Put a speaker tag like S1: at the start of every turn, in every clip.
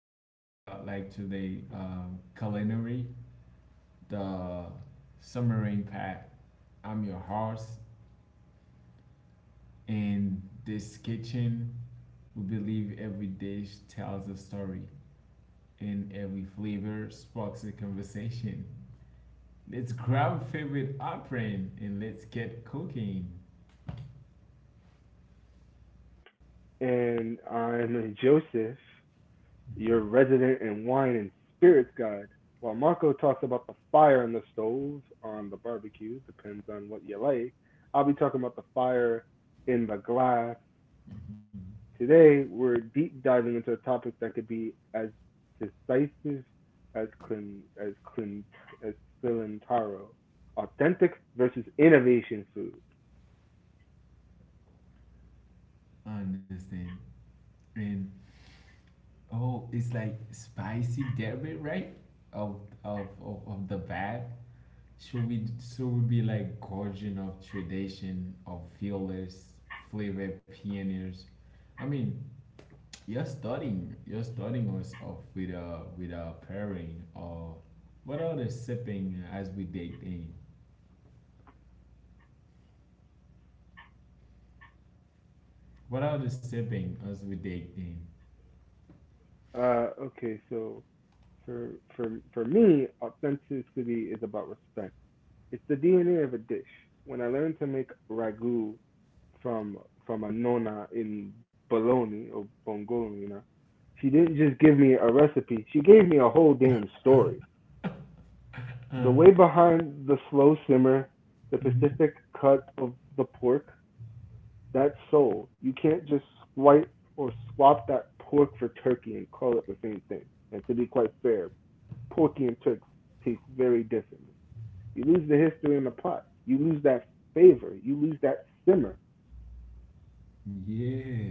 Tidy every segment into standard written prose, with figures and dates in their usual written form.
S1: we talking about like today culinary, the summer impact. I'm your host, and this kitchen we believe every dish tells a story, and every flavor sparks a conversation. Let's grab favorite apron and let's get cooking.
S2: And I'm Joseph, your resident and wine and spirits guide. While Marco talks about the fire in the stove on the barbecue, depends on what you like, I'll be talking about the fire in the glass.
S1: Mhm. Mhm.
S2: Today, we're deep diving into a topic that could be as decisive as Clint as Clint as Cilantaro. Authentic versus innovation food.
S1: I understand. And oh, it's like spicy derby, right? Of the bad. Should we be like guardian of tradition of feelers, flavor pioneers? I mean, you're starting us off with a pairing or what are the sipping as we dig in? What are the sipping as we dig in?
S2: Okay, so for for me, authenticity is about respect. It's the DNA of a dish. When I learned to make ragu from from a nonna in Bologna or Bongolina, she didn't just give me a recipe. She gave me a whole damn story. The way behind the slow simmer, the
S1: Mhm.
S2: Pacific cut of the pork, that's soul. You can't just swipe or swap that pork for turkey and call it the same thing. And to be quite fair, Porky and Turk taste very differently. You lose the history in the pot. You lose that flavor. You lose that simmer.
S1: Yeah.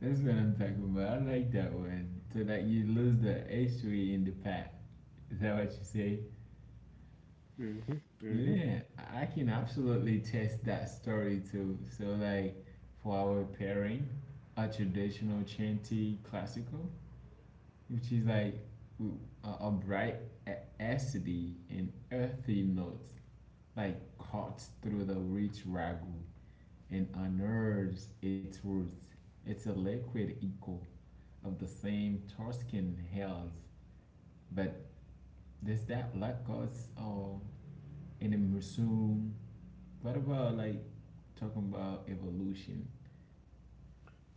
S1: That's what I'm talking about. I like that one. So like you lose the history in the past. Is that what you say?
S2: Mhm, mhm.
S1: Yeah, I can absolutely test that story too. So like for our pairing, a traditional chanty classical, which is like w- a bright acidity and earthy notes, like cuts through the rich ragu and unearths its roots. It's a liquid echo of the same Tuscan hills, but does that luck us all in the museum. What about like talking about evolution?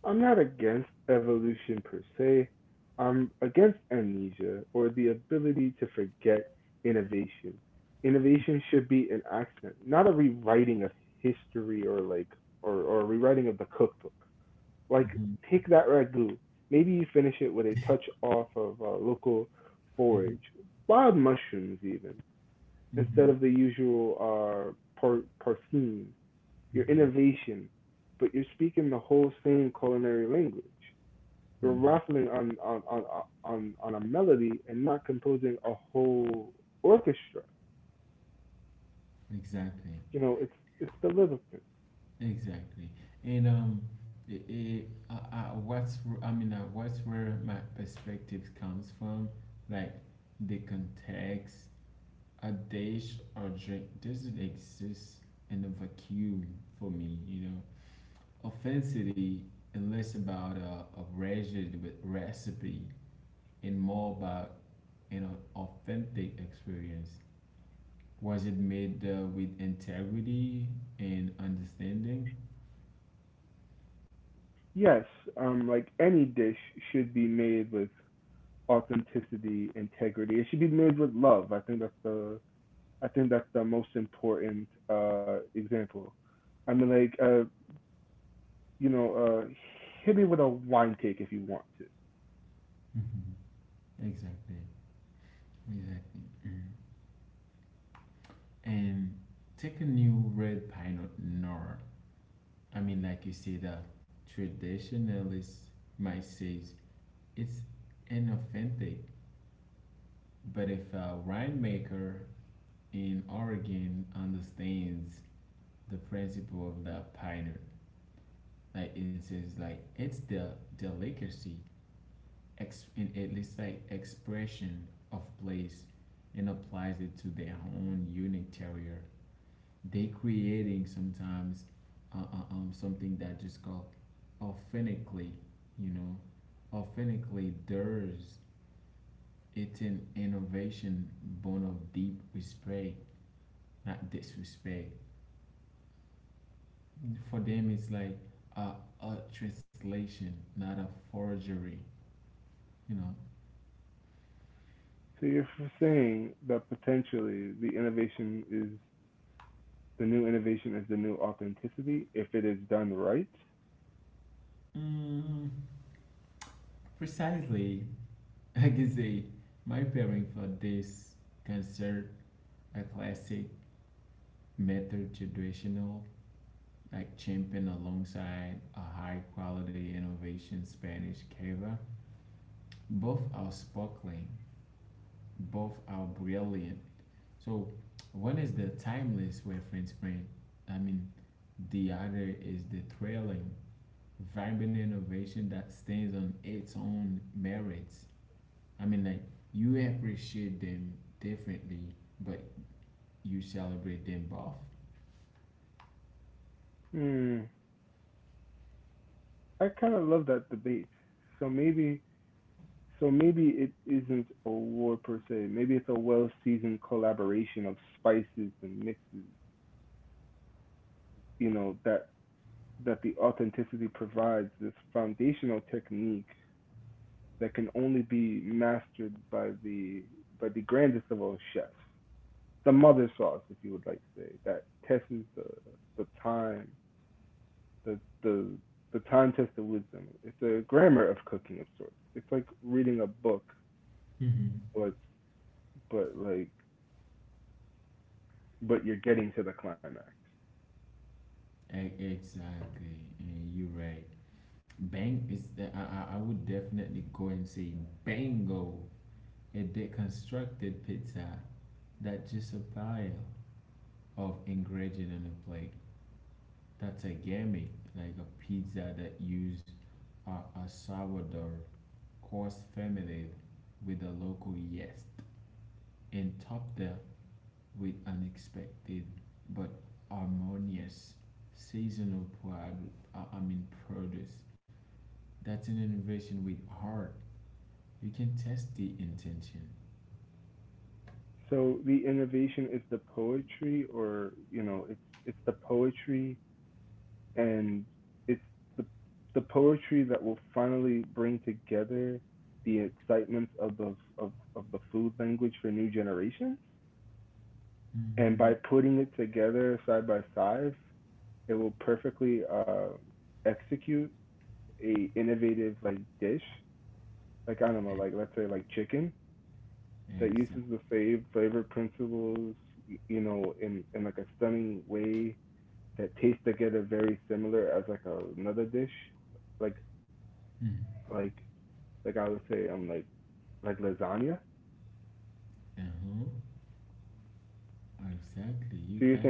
S2: I'm not against evolution per se. I'm against amnesia or the ability to forget innovation. Innovation should be an accent, not a rewriting of history or rewriting
S1: Mm-hmm. Mm-hmm. Mm-hmm. Mm-hmm. Mm-hmm. Exactly. Exactly. And it, it what's wh- I mean, what's where my perspective comes from, like the context. A dish or drink doesn't exist in a vacuum for me, you know. Authenticity is less about a rigid with recipe and more about an authentic experience. Was it made with integrity and understanding? Mm-hmm. Exactly, exactly. Mm. And take a new red pinot noir. I mean, like you say, the traditionalist might say it's inauthentic, but if a winemaker in Oregon understands the principle of the pioneer. Like it says, like it's the delicacy, and at least like expression of place, and applies it to their own unique terrier. They creating sometimes, something that just called authentically, you know, authentically theirs. It's an innovation born of deep respect, not disrespect for them it's like a, a translation, not a forgery, you know. Mm, precisely, I can say my pairing for this concert, a classic method traditional, like champion alongside a high quality innovation Spanish cava. Both are sparkling, both are brilliant. So one is the timeless reference print, I mean, the other is the thrilling vibrant innovation that stands on its own merits. I mean, like you appreciate them differently, but you celebrate them both. Mm-hmm. Exactly, and you're right. I would definitely go and say bango, a deconstructed pizza that's just a pile of ingredients on a plate. That's a gimmick, like a pizza that use a, a sourdough coarse fermented with a local yeast and topped with unexpected but harmonious seasonal produce. That's an innovation with heart. You can test the intent. Mm-hmm. Exactly. Mm-hmm. Uh-huh. Exactly. You got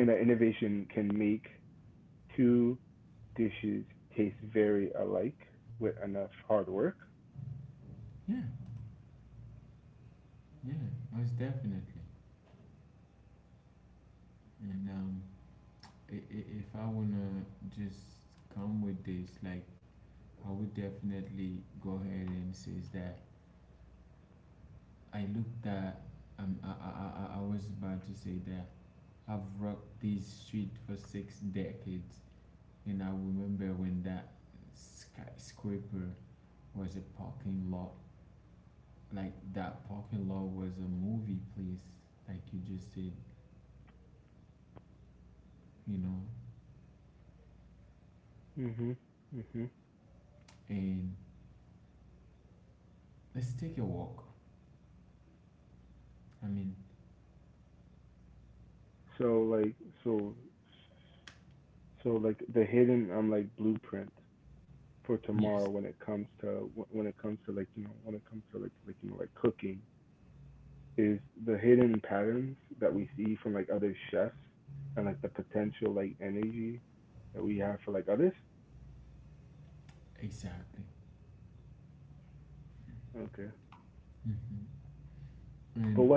S1: yeah, yeah, most definitely. And if I wanna just come with this, like I would definitely go ahead and says that I looked at I was about to say that I've rocked this street for six decades and I remember when that skyscraper was a parking lot, like that parking lot was a movie place like you just said, you know. And let's take a walk. I mean, yes, exactly. Hmm.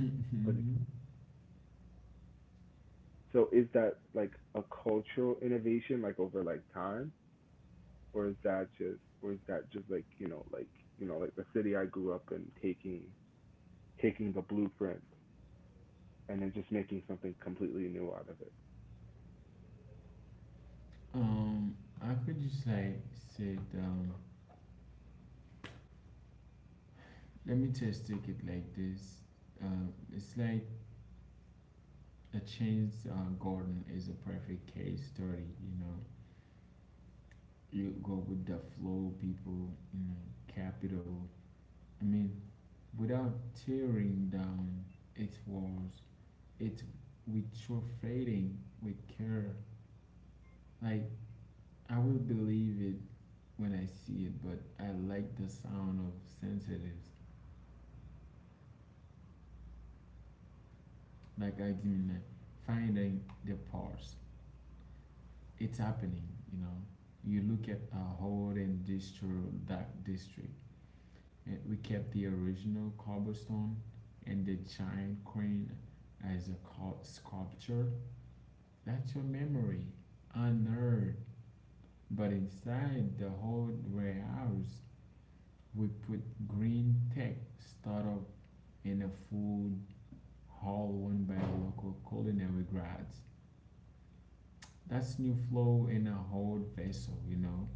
S1: And Um, I could just like say, let me just take it like this. It's like a changed Gordon is a perfect case study. You know, you go with the flow, people. You know, capital. I mean, without tearing down its walls, it with fading with care. Like I will believe it when I see it, but I like the sound of sensitives. Like I mean, finding the pulse. It's happening, you know. You look at our whole and district, that district, and we kept the original cobblestone and the giant crane as a sculpture. That's your memory, unearthed. But inside the whole warehouse, we put green tech startup in a food hall owned by local culinary grads. That's new flow in a whole vessel, you know.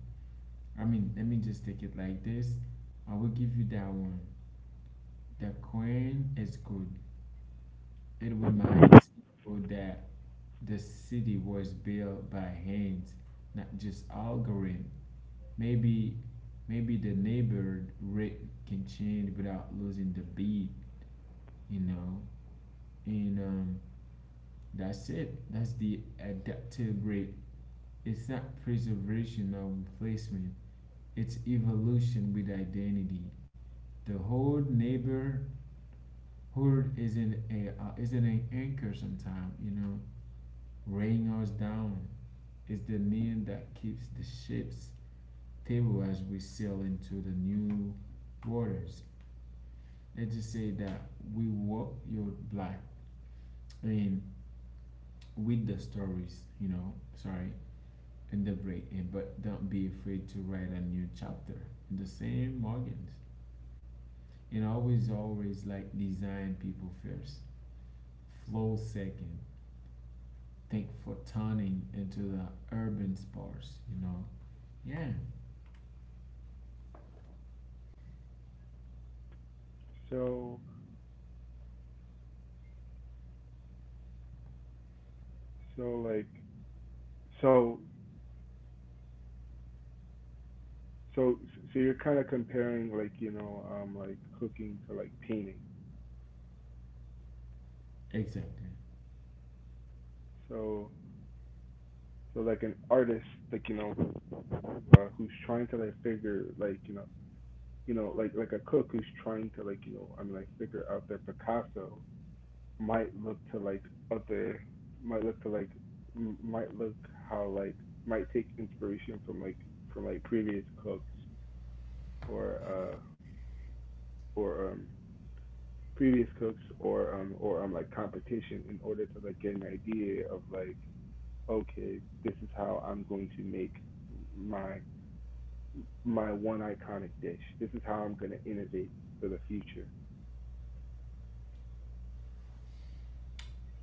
S1: I mean, let me just take it like this. I will give you that one. The coin is good. It reminds people that the city was built by hands, not just algorithm. Maybe, maybe the neighborhood rate can change without losing the beat, you know. And that's it. That's the adaptive rate. It's not preservation or replacement. Its evolution with identity. The whole neighborhood isn't a isn't an anchor. Sometimes, you know, weighing us down. It's the need that keeps the ship's table as we sail into the new waters. Let's just say that we walk your black. I mean, with the stories, you know. Sorry, in the break, and but don't be afraid to write a new chapter in the same organs. And always, always like design people first, flow second. Think for turning into the urban sparse, you know? Yeah, exactly.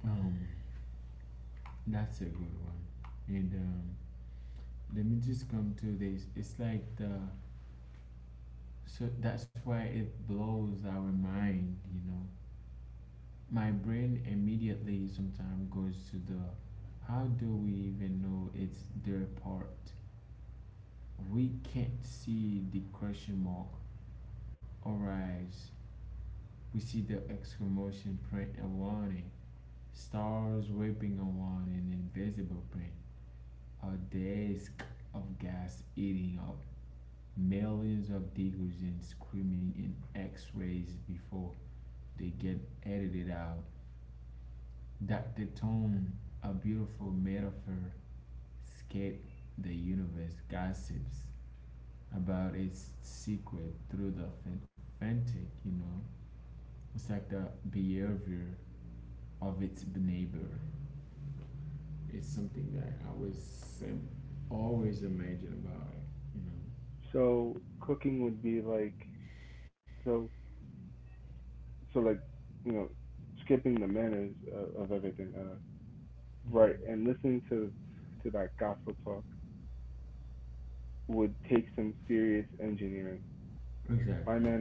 S1: Um, that's a good one. And let me just come to this. It's like the so that's why it blows our mind, you know. My brain immediately sometimes goes to the how do we even know it's their part? We can't see the question mark arise, we see the exclamation print and warning. Stars ripping along an invisible print. A disk of gas eating up millions of decorations screaming in x-rays before they get edited out. Dr. Tone, a beautiful metaphor, escape the universe gossips about its secret through the fantastic, you know. It's like the behavior of its neighbor. It's something that I was always imagine about it, you know. Mm-hmm. Exactly.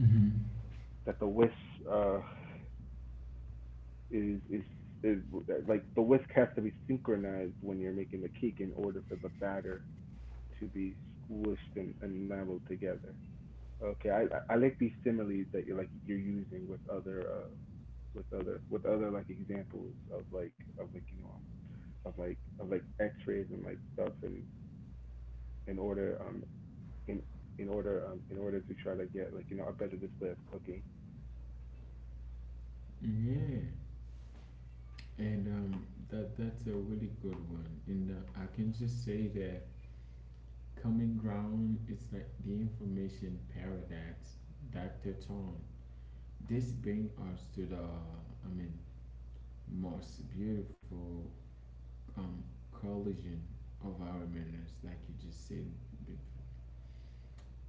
S1: Mm-hmm. Yeah, and that's a really good one. And I can just say that coming ground is like the information paradox, Dr. Tom. This brings us to the I mean most beautiful um collision of our manners, like you just said before.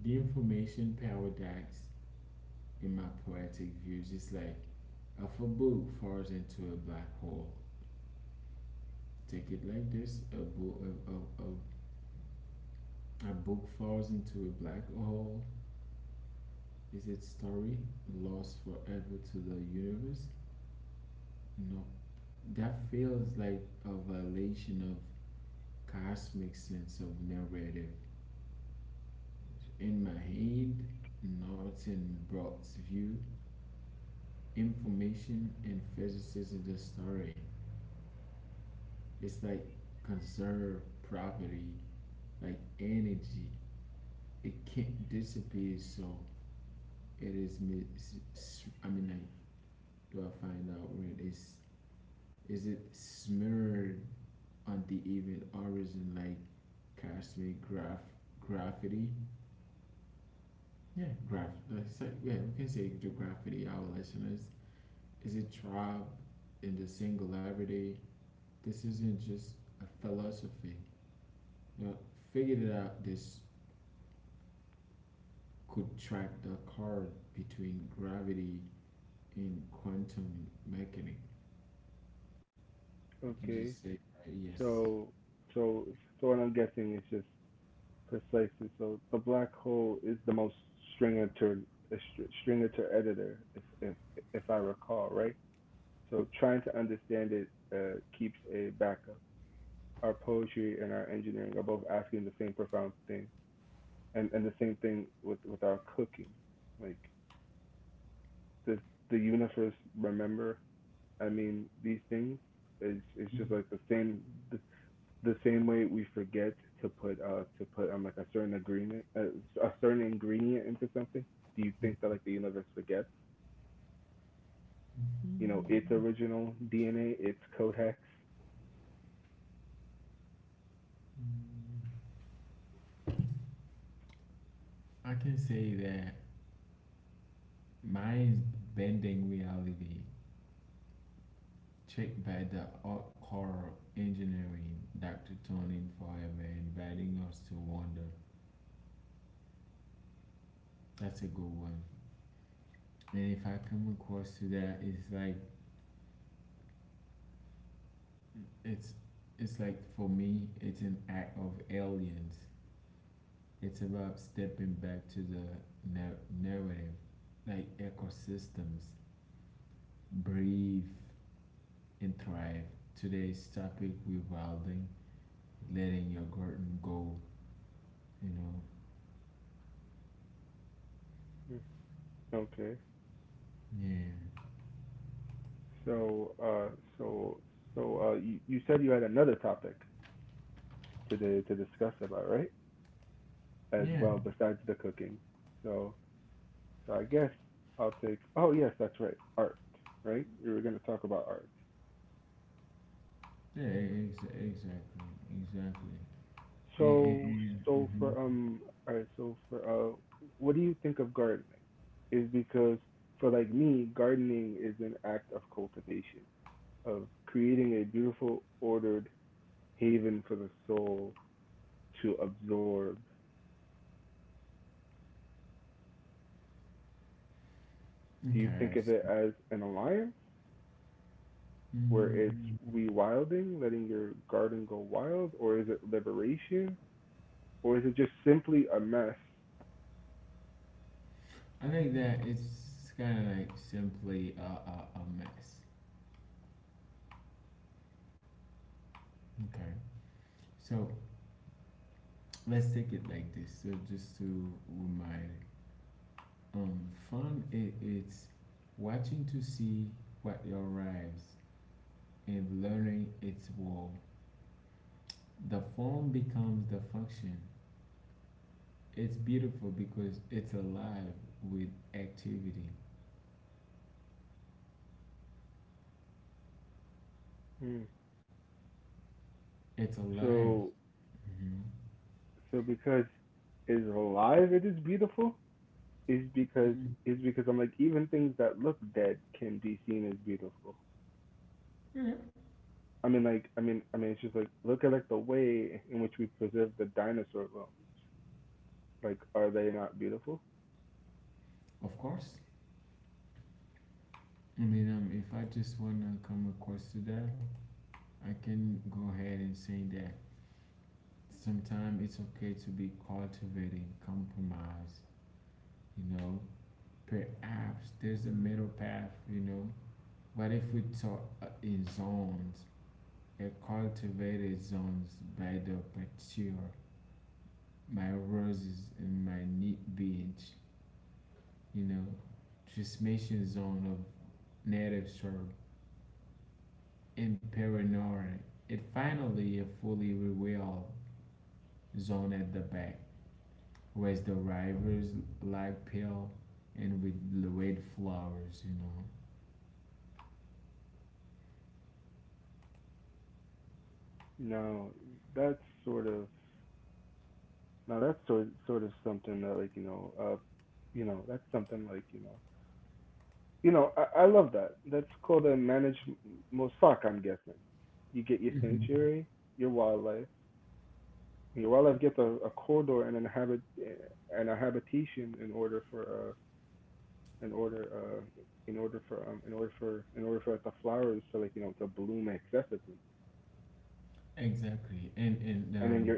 S1: The information paradox in my poetic view is just like a book falls into a black hole. Take it like this: a book, a, a, a book falls into a black hole. Is its story lost forever to the universe? No, that feels like a violation of cosmic sense of narrative. In my hand, Norton Brock's view, information and physicists in the story. It's like conserve property, like energy. It can't disappear, so it is. I mean, like, do I find out when it's is it smeared on the even origin, like cosmic graph graffiti? Yeah, graph. That's like, yeah, we can say the graffiti. Our listeners, is it trap in the singularity? This isn't just a philosophy. You know, figured it out this could track the card between gravity and quantum mechanics. I can just say yes. I can say that mine's bending reality, checked by the art core engineering, Dr. Tonin Forever, inviting us to wonder. That's a good one. And if I come across to that, it's like it's it's like for me, it's an act of aliens. It's about stepping back to the narrative, like ecosystems, breathe and thrive. Today's topic revolving letting your garden go. You know, yeah, yeah, yeah, exactly, exactly. And, and, and, mhm. Okay, so, mm, I think that it's kind of like simply a mess. Okay, so let's take it like this. So just to remind. Um, Fun it, it's watching to see what arrives and learning its role. The form becomes the function. It's beautiful because it's alive with activity. It's alive. Mhm. Of course. I mean, if I just wanna come across to that, I can go ahead and say that sometimes it's okay to be cultivating compromise. You know, perhaps there's a middle path, you know. What if we talk in zones? A cultivated zones by the patio, my roses and my neat beach, you know. Transmission zone of native shrub and paranoid. And finally, a fully revealed zone at the back, where the rivers like pale and with the red flowers, you know. Hmm. Exactly, and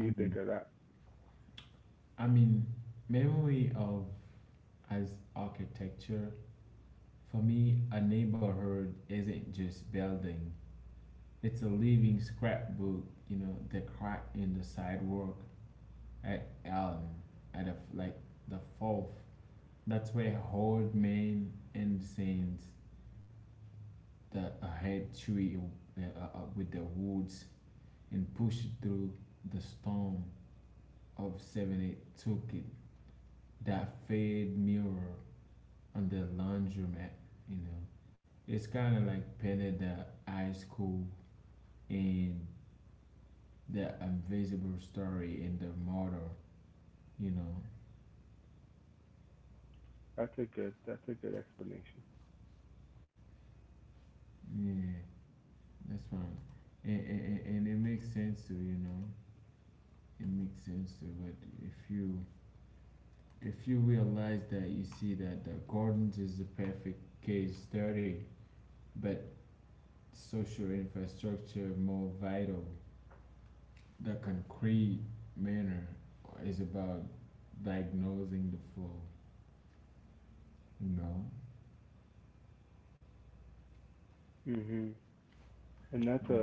S1: I mean, I mean, memory of as architecture. For me, a neighborhood isn't just building. It's a living scrapbook. You know, the crack in the sidewalk at Elm, at a, like the fourth. That's where old man and saints the a head tree with the woods and pushed through the storm of 70. It took it that fade mirror on the laundromat, you know. It's kind of like painted the high school and the invisible story in the model, you know. Yeah, that's fine. And it makes sense too, you know. It makes sense too, but if you if you realize that you see that the gardens is the perfect case study, but social infrastructure more vital. The concrete manner is about diagnosing the flow. No, right?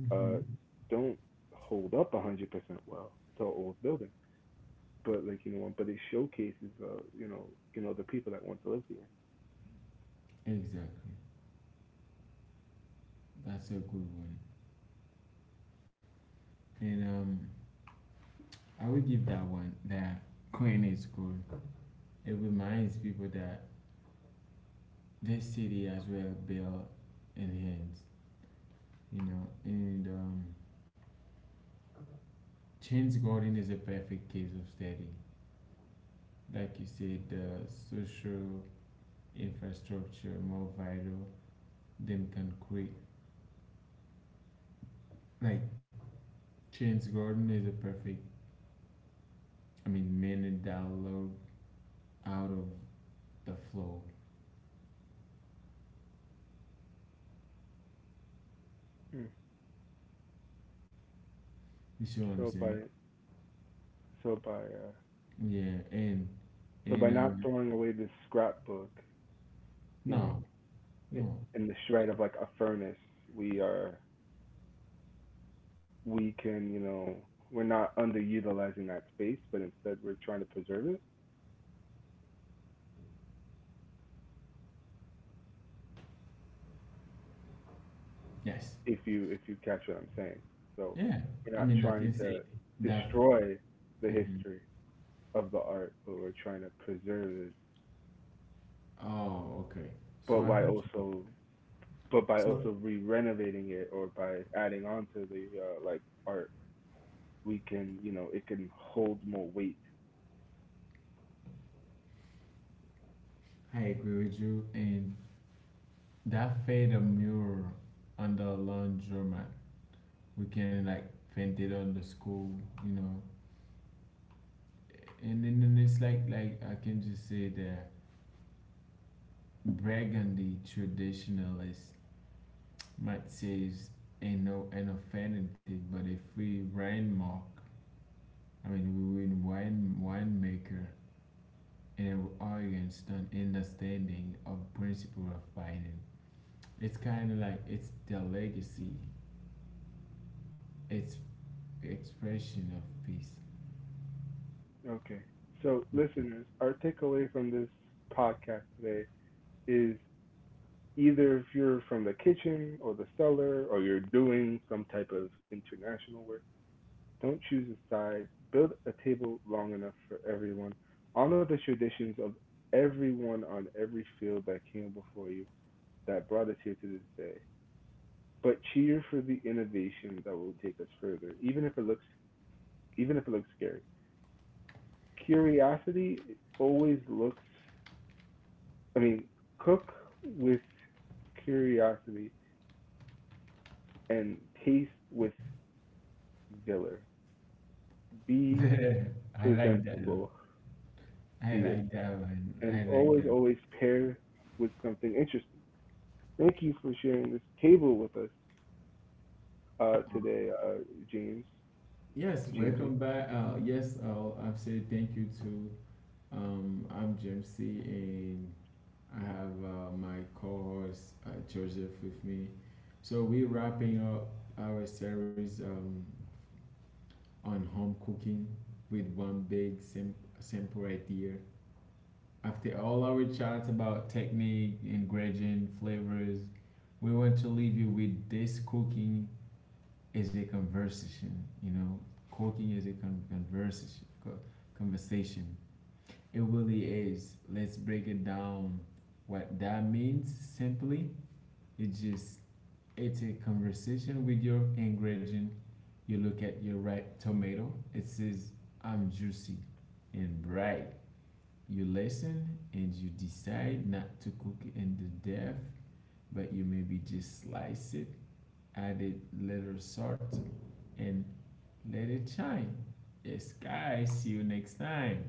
S1: Mm-hmm. Exactly. That's a good one. And I would give that one that Queen is good. It reminds people that this city as well built in hands, you know. And Chains Garden is a perfect case of study. Like you said, the social infrastructure more vital than concrete. Like Chance Gordon is a perfect, I mean, minute download out of the flow. You see what I'm saying? Yeah, and no, no, yes, yeah. I mean, I can say that. Mhm. Oh, okay. So I can. So I agree with you, and that fade a mirror on the laundromat. We can like paint it on the school, you know, and then it's like I can just say that Burgundy traditionalists might say it's an, no- an authentic but a free wine mark. I mean, we winemaker and an audience an understanding of principle of binding. It's kind of like it's the legacy, it's expression of peace. I like that. I like that one. I like that. Uh, yes, welcome back. Yes, I've said thank you to I'm Jim C, and I have my co-host Joseph with me. So we're wrapping up our series on home cooking with one big simple idea. After all our chats about technique, ingredient, flavors, we want to leave you with this: cooking is a conversation. You know, cooking is a conversation. Conversation. It really is. Let's break it down. What that means simply, it's just it's a conversation with your ingredient. You look at your ripe tomato. It says I'm juicy and bright. You listen and you decide not to cook it in the depth, but you maybe just slice it, add it little salt, and let it shine. Yes, guys. See you next time.